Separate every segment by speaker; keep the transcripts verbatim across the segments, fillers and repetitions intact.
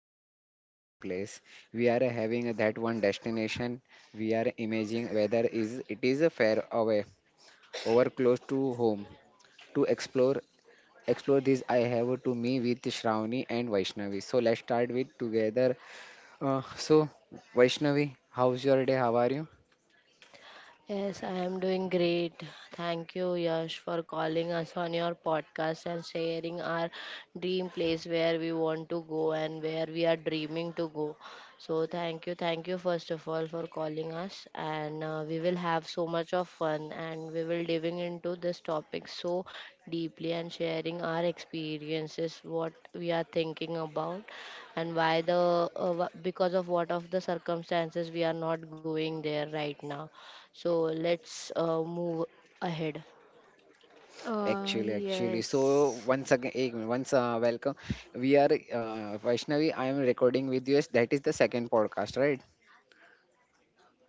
Speaker 1: talking about the dream place. We are having that one destination. We are imagining whether is it is a fair away or close to home. To explore explore this, I have to me with Shravani and Vaishnavi. So let's start with together. Uh, so Vaishnavi, how's your day? How are you?
Speaker 2: Yes, I am doing great. Thank you, Yash, for calling us on your podcast and sharing our dream place where we want to go and where we are dreaming to go. So, thank you, thank you, first of all, for calling us. And uh, we will have so much of fun and we will diving into this topic so deeply and sharing our experiences, what we are thinking about, and why the uh, wh- because of what of the circumstances we are not going there right now so let's uh, move ahead.
Speaker 1: Actually,
Speaker 3: Uh,
Speaker 1: actually. So
Speaker 3: yes,
Speaker 1: once again, eh, once uh, welcome. We are uh, Vaishnavi, I am recording with you. That is the second podcast, right?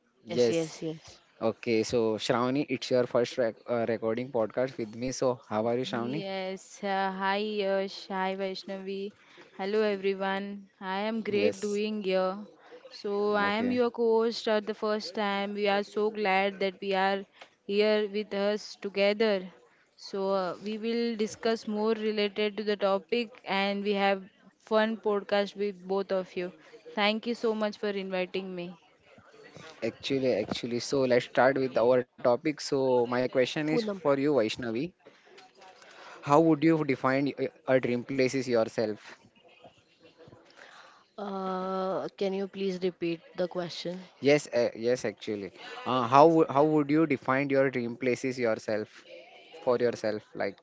Speaker 2: Yes,
Speaker 1: Yes.
Speaker 2: yes, yes.
Speaker 1: Okay. So Shravani, it's your first rec- uh, recording podcast with me. So how are you, Shravani?
Speaker 3: yes. Uh, hi, Yash. Hi, Vaishnavi. Hello, everyone. I am great
Speaker 1: Yes.
Speaker 3: doing here. So, I am
Speaker 1: Okay.
Speaker 3: your co-host at the first time. We are so glad that we are here with us together. So, uh, we will discuss more related to the topic and we have fun podcast with both of you. Thank you so much for inviting me.
Speaker 1: Actually, actually. So let's start with our topic. So my question is for
Speaker 2: Poonam,
Speaker 1: you, Vaishnavi. How would you define y- a dream places yourself?
Speaker 2: uh, can you please repeat the question?
Speaker 1: Yes. Uh, yes. Actually. Uh, how wou- how would you define your dream places yourself? For yourself, like.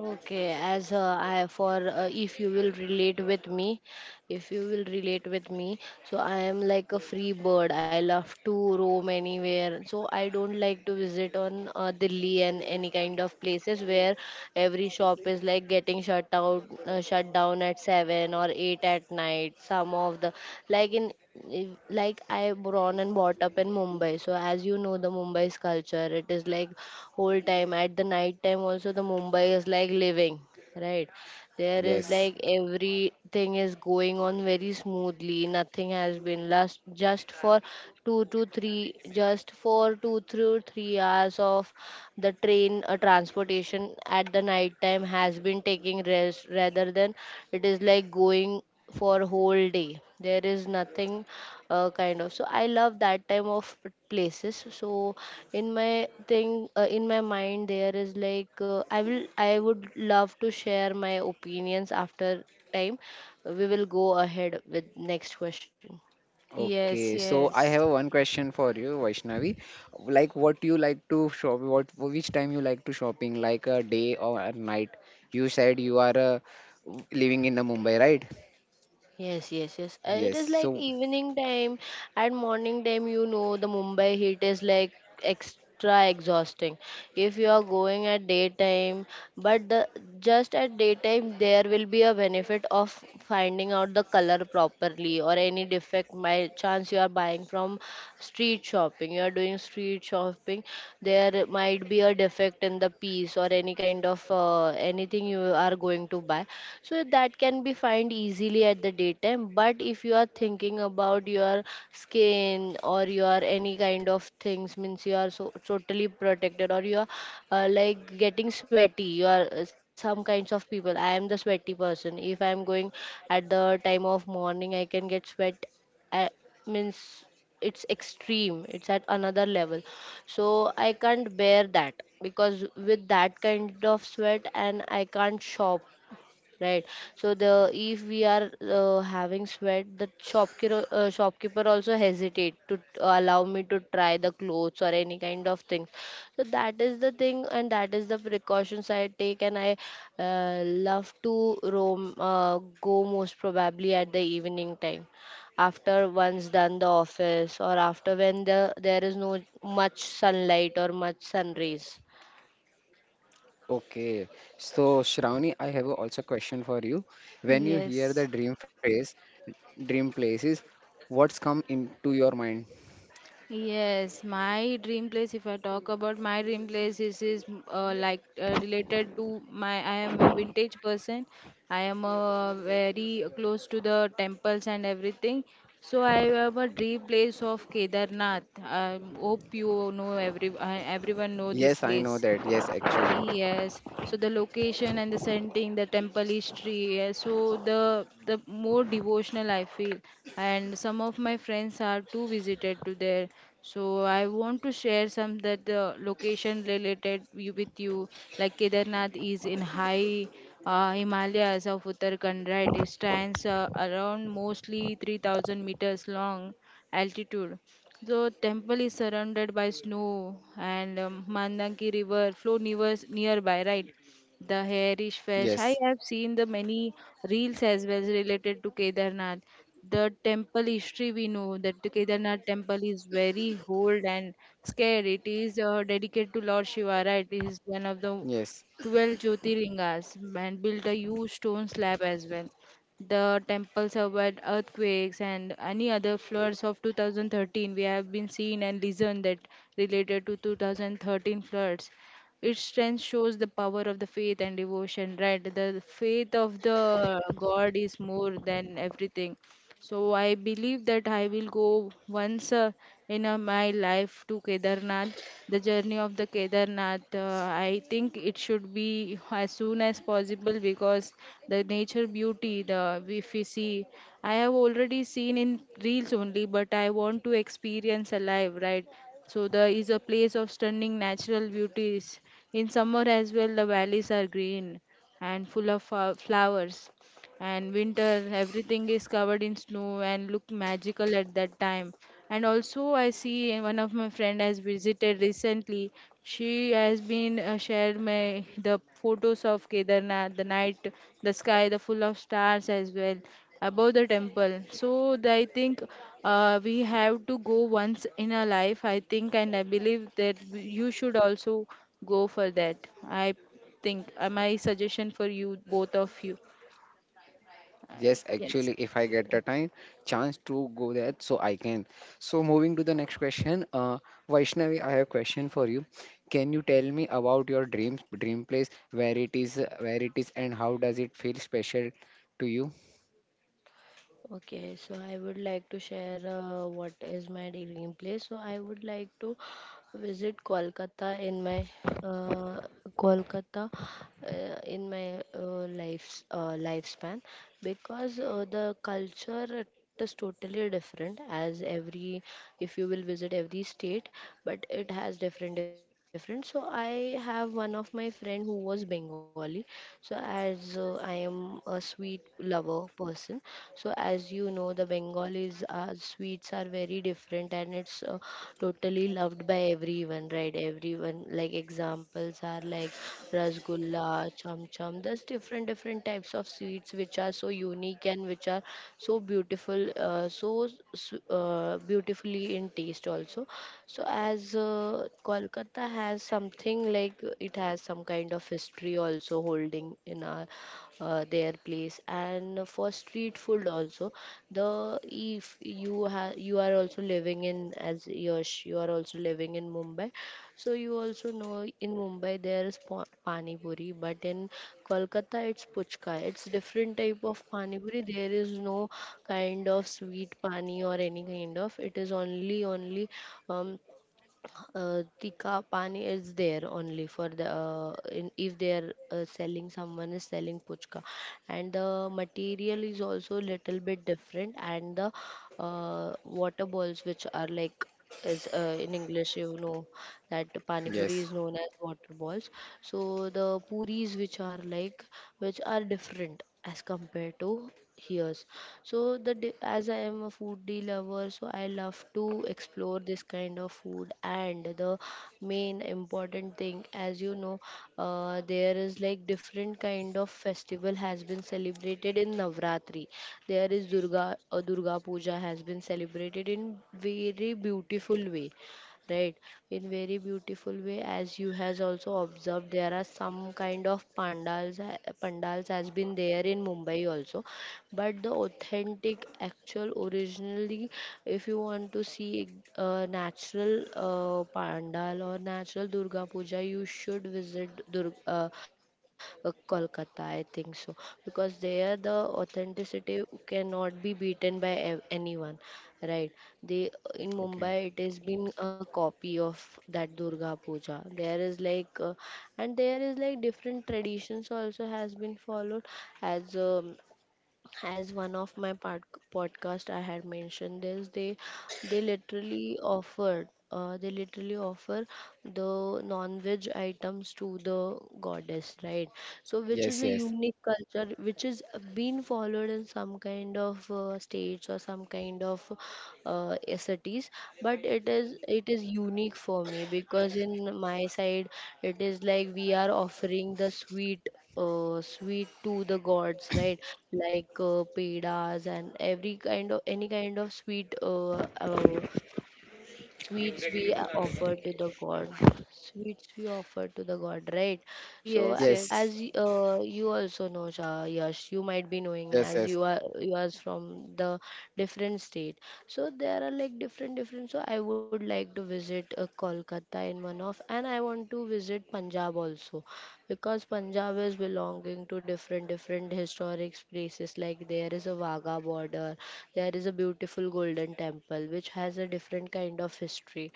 Speaker 2: Okay, as uh, I for uh, if you will relate with me, if you will relate with me so I am like a free bird. I love to roam anywhere, so I don't like to visit on uh, Delhi and any kind of places where every shop is like getting shut out uh, shut down at seven or eight at night. Some of the, like in, if- like I born and brought up in Mumbai, so as you know, the Mumbai's culture, it is like whole time. At the night time also the Mumbai is like living, right? There is
Speaker 1: Yes.
Speaker 2: like everything is going on very smoothly. Nothing has been lost just for two to three, just for two through three hours of the train uh, transportation at the night time has been taking rest, rather than it is like going for whole day. There is nothing uh, kind of, so I love that time of places. So in my thing uh, in my mind there is like, uh, i will I would love to share my opinions after time. We will go ahead with next question.
Speaker 3: Yes,
Speaker 1: Okay, so I
Speaker 3: yes,
Speaker 1: have one question for you, Vaishnavi. Like, what you like to shop, what which time you like to shopping, like a day or a night? You said you are uh, living in the Mumbai, right?
Speaker 2: Yes, yes, yes. Uh, it
Speaker 1: Yes.
Speaker 2: is like
Speaker 1: So
Speaker 2: evening time and morning time. You know, the Mumbai heat is like extra exhausting if you are going at daytime. But the just at daytime there will be a benefit of finding out the color properly or any defect. By chance you are buying from street shopping, you are doing street shopping, there might be a defect in the piece or any kind of, uh, anything you are going to buy, so that can be find easily at the daytime. But if you are thinking about your skin or your any kind of things, means you are so totally protected or you are uh, like getting sweaty. You are uh, some kinds of people. I am the sweaty person. If I am going at the time of morning, I can get sweat. uh, Means it's extreme, it's at another level, so I can't bear that, because with that kind of sweat and I can't shop, right? So the if we are uh, having sweat the shopkeeper uh, shopkeeper also hesitate to allow me to try the clothes or any kind of things. So that is the thing, and that is the precautions I take. And I uh, love to roam, uh, go most probably at the evening time, after one's done the office or after when the there is no much sunlight or much sun rays.
Speaker 1: okay, so Shravani, I have a also question for you. When you hear the
Speaker 3: yes.
Speaker 1: dream phrase, dream places, what's come into your mind?
Speaker 3: Yes, my dream place, if I talk about my dream place, is, is uh, like uh, related to my. I am a vintage person. I am uh, very close to the temples and everything. So I have a dream place of Kedarnath. I hope you know every I, everyone know this
Speaker 1: Yes, I know
Speaker 3: place.
Speaker 1: that. Yes, actually.
Speaker 3: Yes, so the location and the setting, the temple history, yeah, so the the more devotional I feel, and some of my friends are too visited to there. So I want to share some that the location related you- with you, like Kedarnath is in high uh, Himalayas of Uttarakhand, right? It stands uh, around mostly three thousand meters long altitude. The temple is surrounded by snow and um, Mandangi river flow near, nearby, right? The hair is
Speaker 1: Yes,
Speaker 3: fresh. I have seen the many reels as well related to Kedarnath. The temple history we know that the Kedarnath temple is very old and scared. It is uh, dedicated to Lord Shiva, right? It is one of the
Speaker 1: yes.
Speaker 3: twelve Jyotirlingas and built a huge stone slab as well. The temple survived earthquakes and any other floods of two thousand thirteen. We have been seen and listened that related to two thousand thirteen floods. Its strength shows the power of the faith and devotion, right? The faith of the God is more than everything. So I believe that I will go once uh, in uh, my life to Kedarnath. The journey of the Kedarnath, uh, I think it should be as soon as possible because the nature beauty, the if we see, I have already seen in reels only, but I want to experience alive, right? So there is a place of stunning natural beauties. In summer as well, the valleys are green and full of uh, flowers, and winter everything is covered in snow and look magical at that time. And also I see one of my friend has visited recently. She has been uh, shared my the photos of Kedarnath, the night, the sky, the full of stars as well above the temple. So the- I think uh, we have to go once in our life, I think, and I believe that w- you should also go for that. I think, uh, my suggestion for you both of you, uh,
Speaker 1: Yes,
Speaker 3: yes.
Speaker 1: actually, if I get the time, chance to go there, so I can. So moving to the next question, uh, Vaishnavi, I have a question for you. Can you tell me about your dreams, dream place, where it is, uh, where it is, and how does it feel special to you?
Speaker 2: Okay, so I would like to share uh, what is my dream place. So I would like to visit Kolkata in my uh, Kolkata uh, in my uh, life's uh, lifespan, because uh, the culture it is totally different. As every, if you will visit every state, but it has different different. So I have one of my friend who was Bengali. Bengali. So, as uh, I am a sweet lover person, so as you know, the Bengalis are sweets are very different and it's uh, totally loved by everyone, right? Everyone, like examples are like rasgulla, cham cham. There's different different types of sweets which are so unique and which are so beautiful, uh, so s- uh, beautifully in taste also. So, as uh, Kolkata has something like, uh, it has some kind of history also holding in our, uh, their place. And for street food also, the if you have, you are also living in as Yash, you are also living in Mumbai. So you also know in Mumbai there is pa- pani puri, but in Kolkata it's puchka. It's different type of pani puri. There is no kind of sweet pani or any kind of. It is only only um, uh, tikka pani is there only for the uh, in, if they are uh, selling someone is selling puchka. And the material is also little bit different, and the uh, water balls which are like, is uh, in English, you know that pani
Speaker 1: Yes.
Speaker 2: puri is known as water balls. So the puris which are like, which are different as compared to Hears. So the di- as I am a foodie lover, so I love to explore this kind of food. And the main important thing, as you know, uh, there is like different kind of festival has been celebrated in Navratri. There is Durga uh, Durga Puja has been celebrated in very beautiful way, right? In very beautiful way as you has also observed, there are some kind of pandals ha- pandals has been there in Mumbai also. But the authentic actual originally, if you want to see a natural uh, pandal or natural Durga Puja, you should visit Dur- uh, uh, Kolkata, I think so, because there the authenticity cannot be beaten by ev- anyone, right? They, in
Speaker 1: Okay.
Speaker 2: Mumbai it has been a copy of that Durga Puja. There is like uh, and there is like different traditions also has been followed, as um, as one of my pod- podcast I had mentioned this. they they literally offered uh, they literally offer the non-veg items to the goddess, right? So which is
Speaker 1: Yes.
Speaker 2: a
Speaker 1: Yes.
Speaker 2: unique culture, which is being followed in some kind of uh, states or some kind of uh, cities. But it is, it is unique for me, because in my side it is like we are offering the sweet uh, sweet to the gods, right? Like uh, pedas and every kind of, any kind of sweet uh, uh, sweets, we uh, offer to the god sweets we offer to the god, right? So
Speaker 3: Yes, yes.
Speaker 1: Yes.
Speaker 2: as
Speaker 1: Yes.
Speaker 2: y- uh, you also know Shah, Yash, you might be knowing, as
Speaker 1: Yes.
Speaker 2: you are, you are from the different state. So there are like different different. So I would like to visit uh, Kolkata in one of, and I want to visit Punjab also, because Punjab is belonging to different different historic places. Like there is a Wagah border, there is a beautiful Golden Temple which has a different kind of history.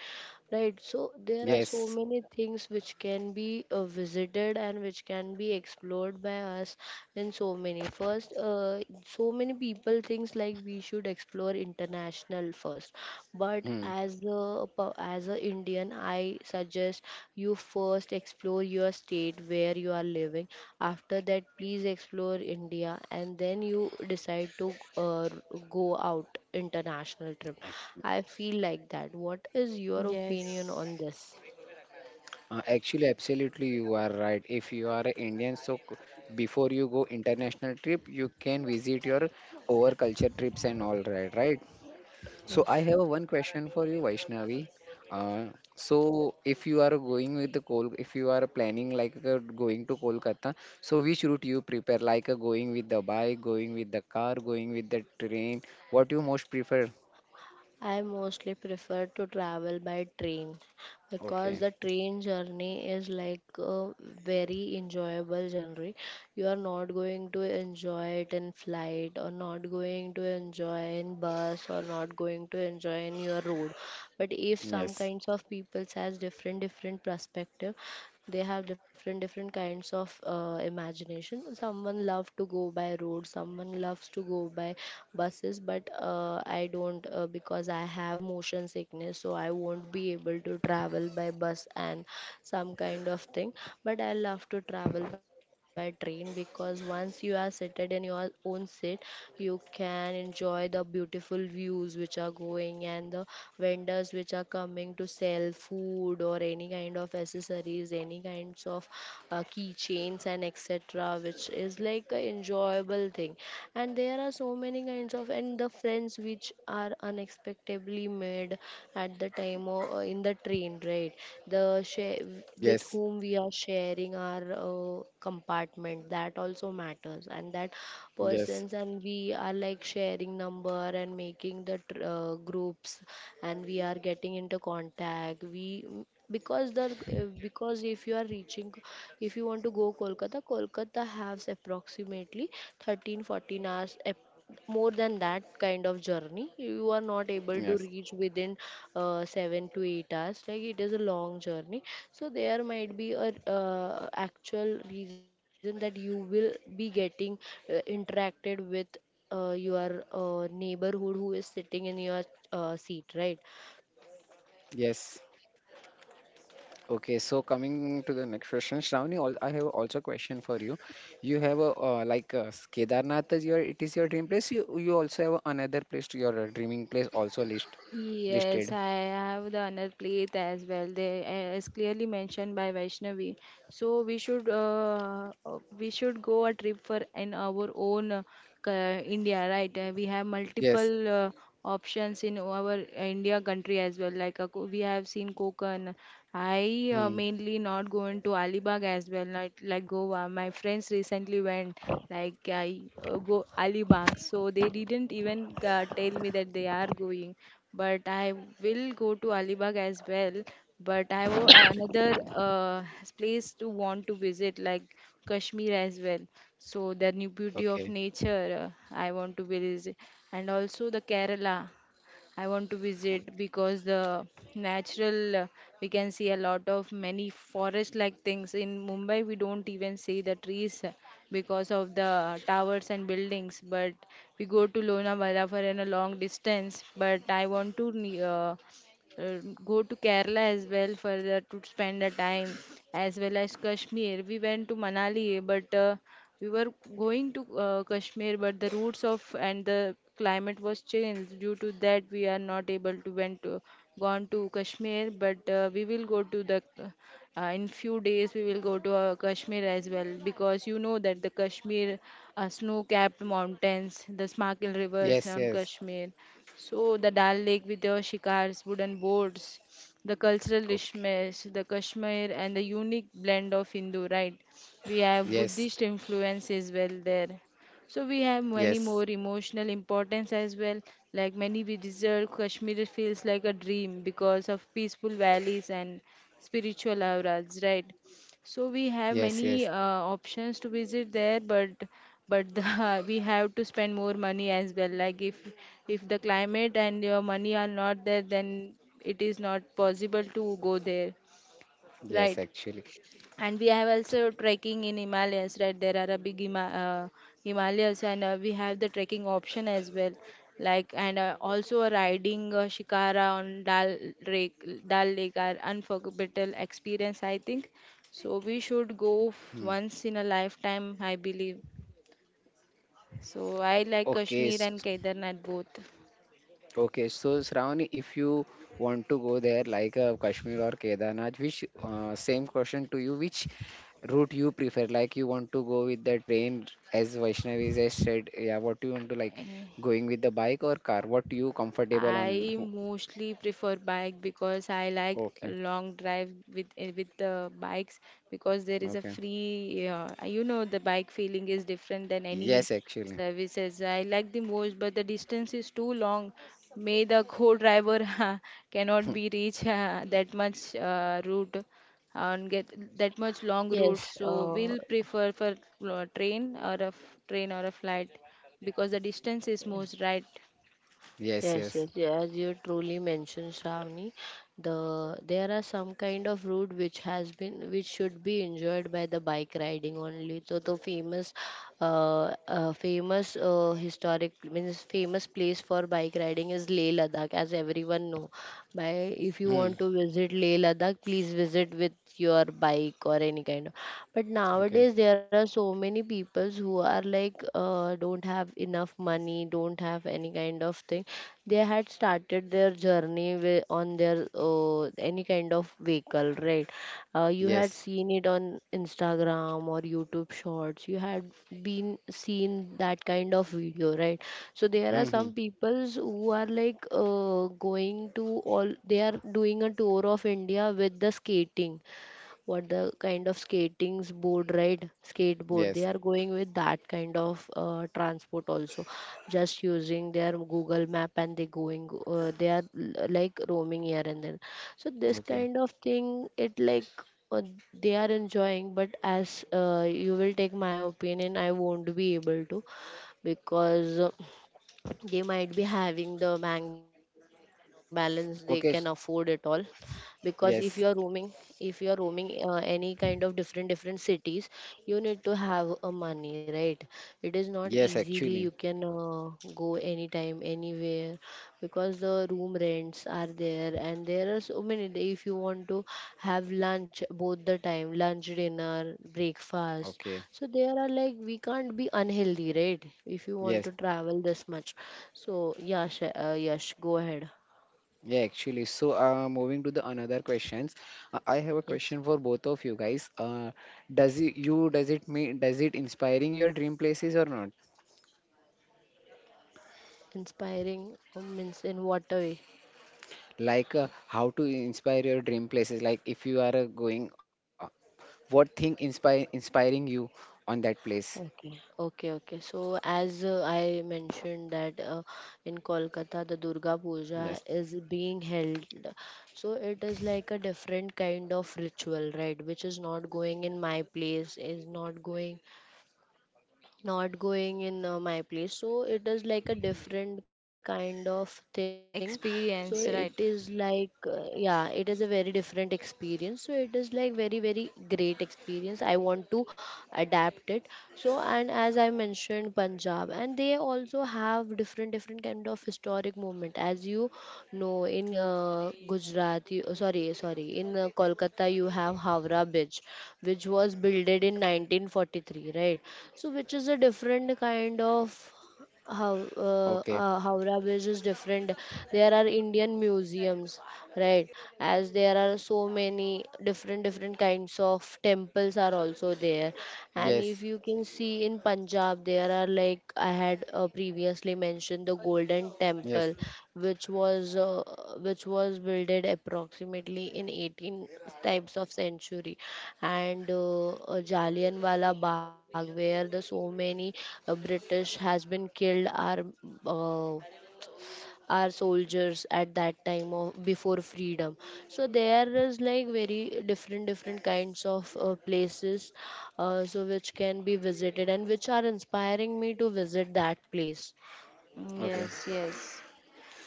Speaker 2: Right, so there are so
Speaker 1: Yes.
Speaker 2: many things which can be uh, visited and which can be explored by us in so many. First, uh, so many people thinks like we should explore international first, but
Speaker 1: Hmm.
Speaker 2: as a per- as a Indian, I suggest you first explore your state where you are living. After that, please explore India, and then you decide to uh, go out international trip. I feel like that. What is your
Speaker 3: Mm,
Speaker 2: opinion
Speaker 3: Yes.
Speaker 2: on this?
Speaker 1: Uh, actually, absolutely, you are right. If you are an Indian, so c- before you go international trip, you can visit your over culture trips and all right, right? So I
Speaker 2: Yes.
Speaker 1: have one question for you, Vaishnavi. Uh, so if you are going with the Kol, if you are planning like uh, going to Kolkata, so which route you prepare? Like uh, going with the bike, going with the car, going with the train? What you most prefer?
Speaker 2: I mostly prefer to travel by train, because
Speaker 1: Okay.
Speaker 2: the train journey is like a very enjoyable journey. You are not going to enjoy it in flight, or not going to enjoy in bus, or not going to enjoy in your road. But if some
Speaker 1: Yes.
Speaker 2: kinds of people has different different perspective, they have different different kinds of uh, imagination. Someone love to go by road, someone loves to go by bus classes. But uh, I don't uh, because I have motion sickness, so I won't be able to travel by bus and some kind of thing. But I love to travel by train, because once you are seated in your own seat, you can enjoy the beautiful views which are going, and the vendors which are coming to sell food or any kind of accessories, any kinds of uh, key keychains, and etc, which is like a enjoyable thing. And there are so many kinds of, and the friends which are unexpectedly made at the time or in the train, right? The share,
Speaker 1: Yes.
Speaker 2: with whom we are sharing our uh, compartment, that also matters. And that
Speaker 1: Yes.
Speaker 2: persons and we are like sharing number and making the tr- uh, groups, and we are getting into contact. We, because the uh, because if you are reaching, if you want to go Kolkata, Kolkata has approximately thirteen fourteen hours ap- more than that kind of journey. You are not able
Speaker 1: Yes.
Speaker 2: to reach within uh, seven to eight hours, like it is a long journey. So there might be a uh, actual reason that you will be getting uh, interacted with uh, your uh, neighborhood who is sitting in your uh, seat, right?
Speaker 1: Yes. Okay, so coming to the next question, Shravani, al- I have also a question for you. You have a uh, like uh, Kedarnath is your it is your dream place. You you also have another place to your uh, dreaming place also list listed.
Speaker 3: Yes, I have the honored plate as well. They as clearly mentioned by Vaishnavi. So we should uh, uh, we should go a trip for in our own uh, ca- India, right? Uh, we have
Speaker 1: Yes.
Speaker 3: multiple uh, options in our India country as well. Like uh, we have seen Konkan. I uh,
Speaker 1: Hmm.
Speaker 3: mainly not going to Alibag as well, not like Goa. My friends recently went, like I uh, go Alibag. So they didn't even uh, tell me that they are going, but I will go to Alibag as well. But I have a- another uh, place to want to visit, like Kashmir as well. So the new beauty of
Speaker 1: Okay.
Speaker 3: nature uh, I want to visit, and also the Kerala. I want to visit because the natural uh, we can see a lot of many forest like things in Mumbai. We don't even see the trees uh, because of the towers and buildings, but we go to Lonavala for in a long distance, but I want to ne- uh, uh, go to Kerala as well for the, to spend the time, as well as Kashmir. We went to Manali, but uh, we were going to uh, Kashmir, but the routes of and the climate was changed. Due to that, we are not able to went to gone to Kashmir, but uh, we will go to the uh, in few days we will go to uh, Kashmir as well, because you know that the Kashmir uh, snow-capped mountains, the Smakil
Speaker 1: Yes.
Speaker 3: rivers on
Speaker 1: Yes.
Speaker 3: Kashmir. So the Dal Lake with the shikars, wooden boats, the cultural
Speaker 1: Okay.
Speaker 3: richness, the Kashmir, and the unique blend of Hindu, right? We have
Speaker 1: Yes.
Speaker 3: Buddhist influence as well there. So we have many more
Speaker 1: Yes.
Speaker 3: emotional importance as well. Like many we deserve, Kashmir feels like a dream because of peaceful valleys and spiritual auras, right? So we have
Speaker 1: Yes. Yes.
Speaker 3: many uh, options to visit there, but but the, we have to spend more money as well. Like if if the climate and your money are not there, then it is not possible to go there,
Speaker 1: Yes.
Speaker 3: right?
Speaker 1: Actually.
Speaker 3: And we have also trekking in Himalayas, right? There are a big Hima- uh, himalayas and uh, we have the trekking option as well. Like and uh, also a riding uh, shikara on Dal Lake. Dal Lake are unforgettable experience, I think. So we should go
Speaker 1: Hmm.
Speaker 3: f- once in a lifetime, I believe. So I like
Speaker 1: Okay.
Speaker 3: Kashmir
Speaker 1: s-
Speaker 3: and Kedarnath both.
Speaker 1: Okay, so Shravani, if you want to go there like uh, Kashmir or Kedarnath, which uh, same question to you, which route you prefer? Like, you want to go with the train, as Vaishnavi has said, yeah, what you want to like
Speaker 3: Eh,
Speaker 1: going with the bike or car? What you comfortable on?
Speaker 3: I
Speaker 1: O-
Speaker 3: mostly prefer bike because I like a
Speaker 1: Okay,
Speaker 3: long drive with eh, with the bikes, because there is a
Speaker 1: okay.
Speaker 3: free uh, you know the bike feeling is different than any
Speaker 1: Yes, actually.
Speaker 3: services. I like the most, but the distance is too long. May the co-driver cannot be reach uh, that much uh, route and get that much long route.
Speaker 2: yes
Speaker 3: So
Speaker 2: uh,
Speaker 3: we'll prefer for uh, train or a f- train or a flight, because the distance is most right.
Speaker 1: Yes,
Speaker 2: Yes,
Speaker 1: yes.
Speaker 2: yes, yeah, as you truly mentioned, Shravani, the there are some kind of route which has been, which should be enjoyed by the bike riding only. So the famous, uh, uh famous uh, historic means famous place for bike riding is Leh Ladakh, as everyone know. By If you
Speaker 1: Hmm.
Speaker 2: want to visit Leh Ladakh, please visit with your bike or any kind of. But
Speaker 1: Okay.
Speaker 2: nowadays there are so many peoples who are like uh, don't don't have enough money don't have any kind of thing, they had started their journey with, on their uh, any kind of vehicle, right? Uh, you had
Speaker 1: Yes.
Speaker 2: seen it on Instagram or YouTube shorts, you had been seen that kind of video, right? So there are
Speaker 1: Mm-hmm.
Speaker 2: some peoples who are like uh, going to all, they are doing a tour of India with the skating, what the kind of skatings board, right? Skateboard, they
Speaker 1: Yes.
Speaker 2: are going with that kind of uh, transport also, just using their Google map and they going uh, they are l- like roaming here and there. So this
Speaker 1: Okay.
Speaker 2: kind of thing it like, uh, they are enjoying, but as uh, you will take my opinion, I won't be able to, because uh, they might be having the bank balance, they can afford it all.
Speaker 1: Okay. sh-
Speaker 2: Because if you are roaming,
Speaker 1: Yes.
Speaker 2: if you are roaming uh, any kind of different different cities, you need to have a money, right? It is not
Speaker 1: Yes,
Speaker 2: easily you
Speaker 1: actually.
Speaker 2: can uh, go anytime anywhere, because the room rents are there and there are so many. If you want to have lunch, both the time, lunch, dinner, breakfast,
Speaker 1: Okay.
Speaker 2: so there are like we can't be unhealthy, right? If you want
Speaker 1: Yes.
Speaker 2: to travel this much, so yeah, Sh- uh, yes, go ahead.
Speaker 1: Yeah, actually. So, uh, moving to the another questions, uh, I have a
Speaker 2: Yes.
Speaker 1: question for both of you guys. Uh, does it, you does it mean, does it inspiring your dream places or not?
Speaker 2: Inspiring uh, means in what a way?
Speaker 1: Like uh, how to inspire your dream places? Like if you are uh, going, uh, what thing inspire inspiring you on that place?
Speaker 2: Okay, okay, okay. So as uh, I mentioned that uh, in Kolkata the Durga Puja
Speaker 1: Yes.
Speaker 2: is being held. So it is like a different kind of ritual, right? Which is not going in my place, is not going not going in uh, my place. So it is like a different kind of thing, so it is
Speaker 3: Experience right.
Speaker 2: like uh, yeah, it is a very different experience, so it is like very very great experience, I want to adapt it. So and as I mentioned Punjab, and they also have different different kind of historic movement. As you know, in uh, gujarat you, oh, sorry sorry in uh, Kolkata you have Howrah bridge, which was builded in nineteen forty-three, right? So which is a different kind of, how uh,
Speaker 1: Okay.
Speaker 2: uh, Howrah Bridge is different. There are Indian museums, right? As there are so many different different kinds of temples are also there. And if
Speaker 1: Yes.
Speaker 2: you can see in Punjab, there are like I had uh, previously mentioned mention the Golden
Speaker 1: Yes.
Speaker 2: Temple, which was uh, which was builded approximately in eighteen types of century, and uh, uh, Jallianwala Bagh, where the so many uh, British has been killed are uh, our soldiers at that time of before freedom. So there is like very different different kinds of uh, places, uh, so which can be visited and which are inspiring me to visit that place.
Speaker 3: Mm,
Speaker 1: Okay.
Speaker 3: yes yes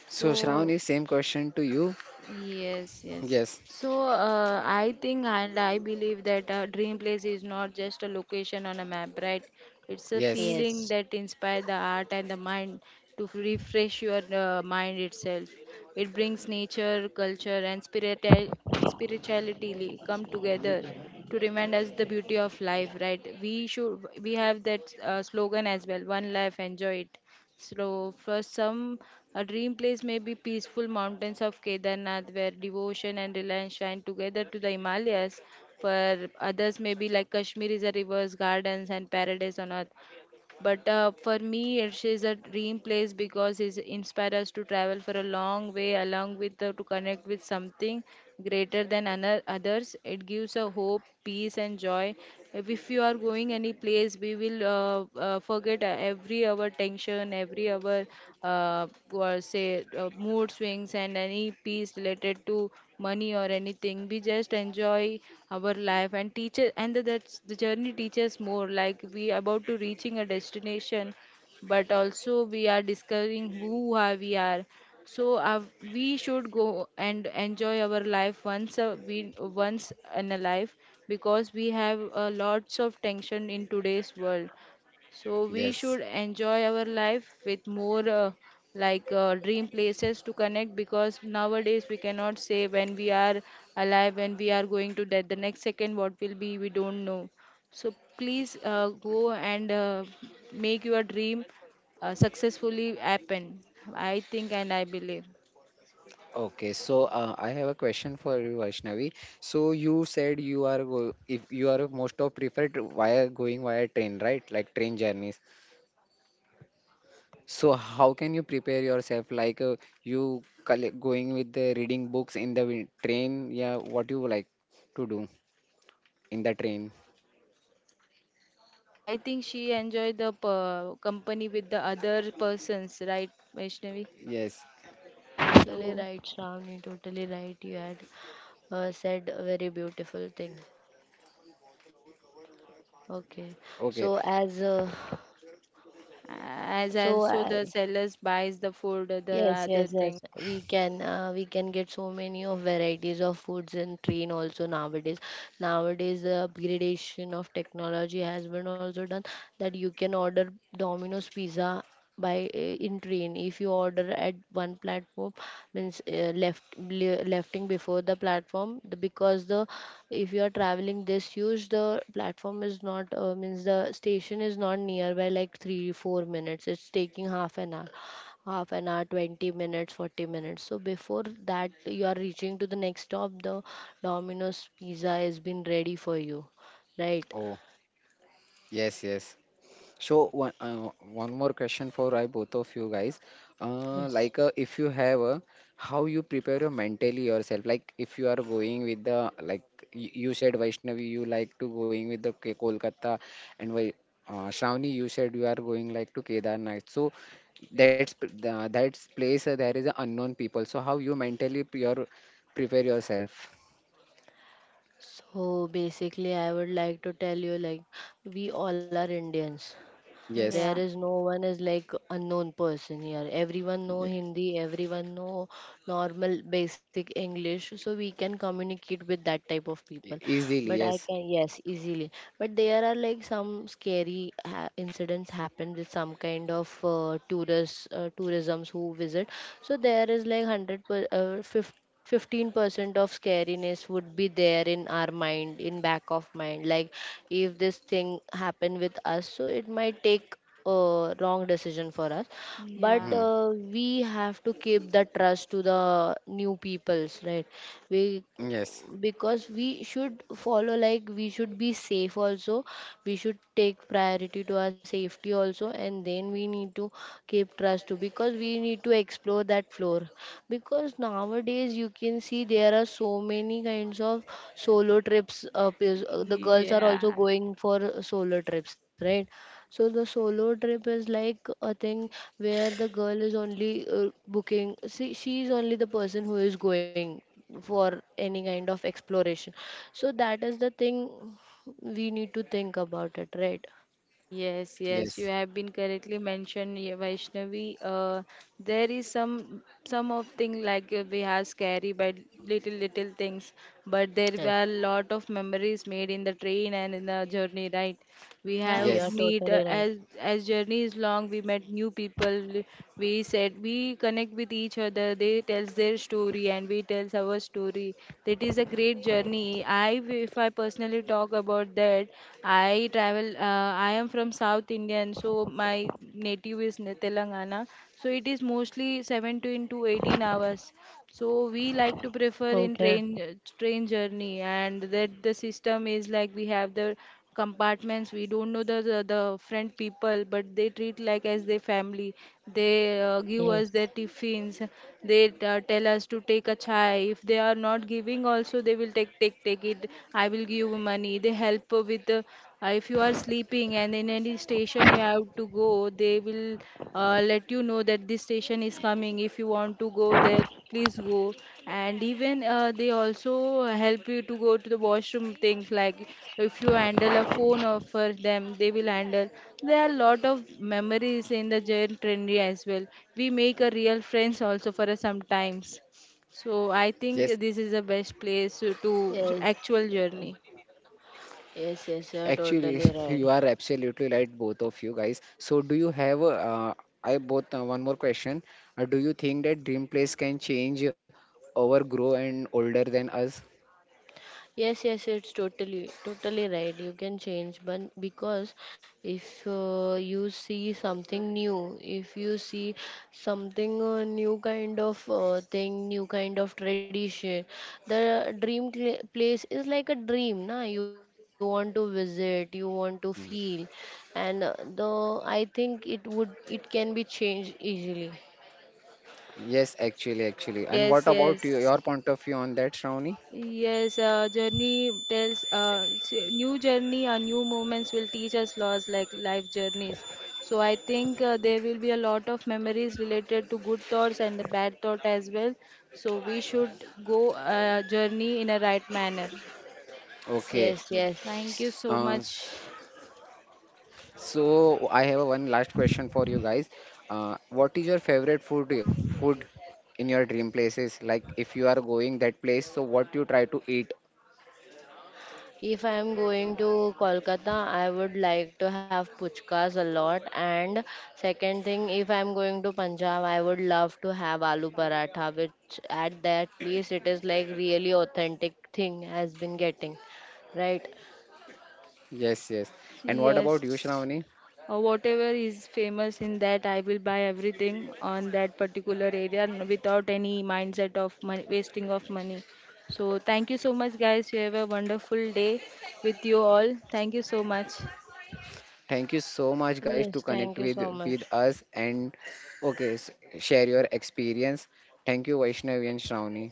Speaker 3: so
Speaker 1: So, Shravan, is same question to you.
Speaker 3: yes yes
Speaker 1: Yes.
Speaker 3: so uh, I think and I believe that a dream place is not just a location on a map, right? It's a
Speaker 1: Yes.
Speaker 3: feeling
Speaker 2: Yes.
Speaker 3: that inspires the heart and the mind to f- refresh your uh, mind itself. It brings nature, culture and spiritual spirituality come together to remind us the beauty of life, right? We should we have that uh, slogan as well, one life enjoy it. So, for some, a dream place may be peaceful mountains of Kedarnath, where devotion and reliance shine together to the Himalayas. For others, maybe like Kashmir is a rivers, gardens, and paradise on earth. But uh, for me, it is a dream place because it inspires us to travel for a long way, along with the, to connect with something greater than ano- others. It gives a hope, peace, and joy. If you are going any place, we will uh, uh, forget uh, every our tension, every our uh, what say uh, mood swings, and any peace related to money or anything. We just enjoy our life and teaches, and that's the journey teaches more like we about to reaching a destination, but also we are discovering who are we are. So uh, we should go and enjoy our life once a, we once in a life, because we have uh, lots of tension in today's world. So we
Speaker 1: Yes.
Speaker 3: should enjoy our life with more uh, like uh, dream places to connect, because nowadays we cannot say when we are alive, when we are going to death, the next second what will be, we don't know. So please uh, go and uh, make your dream uh, successfully happen. I think and I believe.
Speaker 1: Okay, so uh, I have a question for you, Vaishnavi. So you said you are go, if you are most of preferred via going via train, right? Like train journeys. So how can you prepare yourself? Like uh, you collect, going with the reading books in the win- train? Yeah, what you like to do in the train?
Speaker 3: I think she enjoyed the uh, company with the other persons, right, Vaishnavi?
Speaker 1: Yes.
Speaker 2: Totally
Speaker 3: So.
Speaker 2: right, Shravani. Totally right. You had uh, said a very beautiful thing. Okay.
Speaker 1: Okay.
Speaker 2: So as uh,
Speaker 3: As
Speaker 2: so
Speaker 3: also
Speaker 2: I,
Speaker 3: the sellers buys the food, the
Speaker 2: yes,
Speaker 3: other
Speaker 2: yes, yes.
Speaker 3: thing.
Speaker 2: We can uh, we can get so many of varieties of foods in train also nowadays. Nowadays, the upgradation of technology has been also done, that you can order Domino's pizza by uh, in train. If you order at one platform, means uh, left le- lefting before the platform, the, because the, if you are traveling this huge, the platform is not uh, means the station is not nearby like three four minutes. It's taking half an hour half an hour, twenty minutes, forty minutes, so before that you are reaching to the next stop, the Domino's pizza has been ready for you, right?
Speaker 1: Oh, yes, yes. So one uh, one more question for I both of you guys. Uh,
Speaker 2: Yes.
Speaker 1: like uh, if you have a how you prepare your mentally yourself. Like if you are going with the like y- you said Vaishnavi, you like to going with the K- Kolkata, and Vai uh, Shravani, you said you are going like to Kedarnath. So that's p- the, that's place uh, there is a unknown people. So how you mentally p- your prepare yourself?
Speaker 2: So basically I would like to tell you like we all are Indians. There
Speaker 1: Yes,
Speaker 3: Yeah,
Speaker 2: is no one is like unknown person here. Everyone know
Speaker 1: Ye-
Speaker 2: Hindi, everyone know normal basic English, so we can communicate with that type of people.
Speaker 1: e- easily.
Speaker 2: But I
Speaker 1: Yes.
Speaker 2: can, yes, easily. But there are like some scary ha- incidents happen with some kind of uh, tourists uh, tourisms who visit. So there is like hundred per uh, fifty fifteen percent of scariness would be there in our mind, in back of mind, like if this thing happen with us, so it might take a wrong decision for us. But
Speaker 3: yeah,
Speaker 1: Hmm.
Speaker 2: uh, we have to keep the trust to the new peoples, right? We,
Speaker 1: Yes.
Speaker 2: because we should follow, like we should be safe also, we should take priority to our safety also, and then we need to keep trust too, because we need to explore that floor. Because nowadays you can see there are so many kinds of solo trips, uh, pis- uh, the girls are also
Speaker 3: yeah.
Speaker 2: going for solo trips, right? So the solo trip is like a thing where the girl is only uh, booking. See, she is only the person who is going for any kind of exploration. So that is the thing we need to think about it, right?
Speaker 3: Yes, yes, you
Speaker 1: Yes.
Speaker 3: have been correctly mentioned, yeah, Vaishnavi. Uh, there is some some of thing like uh, we are scary but little little things, but there
Speaker 2: Yes.
Speaker 3: were lot of memories made in the train and in the journey, right? We
Speaker 2: Yeah,
Speaker 3: have
Speaker 2: you're
Speaker 1: Yes.
Speaker 3: meet uh,
Speaker 2: totally right.
Speaker 3: as as journey is long, we met new people. We said we connect with each other. They tells their story and we tells our story. That is a great journey. I, if I personally talk talk about that, I travel. Uh, I am from South Indian, so my native is Ne- Telangana. So it is mostly seventeen to eighteen hours. So we like to prefer in
Speaker 2: Okay.
Speaker 3: train train journey, and that the system is like we have the compartments. We don't know the the, the friend people, but they treat like as their family. They uh, give us
Speaker 2: Yes.
Speaker 3: their tiffins. They uh, tell us to take a chai. If they are not giving also they will take take take it. I will give you money. They help with the, uh, if you are sleeping and in any station you have to go, they will uh, let you know that this station is coming. If you want to go there, please go. And even uh, they also help you to go to the washroom things like if you handle a phone offer them, they will handle. There are a lot of memories in the jail trendy as well. We make a real friends also for a sometimes. So I think this
Speaker 1: Yes.
Speaker 3: is the best place to to
Speaker 2: Yes.
Speaker 3: actual journey.
Speaker 2: Yes, yes, you're
Speaker 1: Actually,
Speaker 2: totally
Speaker 1: you
Speaker 2: right.
Speaker 1: are absolutely right, both of you guys. So, do you have uh, I both uh, one more question? Uh, do you think that dream place can change over grow and older than us?
Speaker 2: Yes, yes, it's totally, totally right. You can change, but because if uh, you see something new, if you see something uh, new kind of uh, thing, new kind of tradition, the dream cla place is like a dream, na? You want to visit, you want to feel,
Speaker 1: Mm.
Speaker 2: and uh, the I think it would, it can be changed easily.
Speaker 1: Yes, actually, actually. And
Speaker 3: yes
Speaker 1: what
Speaker 3: yes
Speaker 1: about you, your point of view on that, Shravani?
Speaker 3: Yes, uh, journey tells uh, s- new journey or new moments will teach us laws like life journeys. So I think uh, there will be a lot of memories related to good thoughts and the bad thought as well. So we should go uh, journey in a right manner.
Speaker 1: Okay.
Speaker 2: Yes,
Speaker 3: So
Speaker 2: yes.
Speaker 3: thank you
Speaker 1: Uh,
Speaker 3: so much.
Speaker 1: s- so I have a one last question for you guys. Uh, what is your favorite food food in your dream places? Like if you are going that place, so what you try to eat?
Speaker 2: If I'm going to Kolkata, I would like to have puchkas a lot. And second thing, if I'm going to Punjab, I would love to have aloo paratha, which at that place it is like really authentic thing has been getting. Right?
Speaker 1: Yes, yes. And what about you,
Speaker 3: Yes.
Speaker 1: Shravani?
Speaker 3: Uh, whatever is famous in that, I will buy everything on that particular area n- without any mindset of money, wasting of money. So thank you so much, guys. You have a wonderful day with you all. Thank you so much.
Speaker 1: Thank you so much, guys, to
Speaker 2: Yes,
Speaker 1: connect
Speaker 2: thank you
Speaker 1: with
Speaker 2: so
Speaker 1: with
Speaker 2: much.
Speaker 1: us and okay, s- share your experience. Thank you, Vaishnavi and Shravani.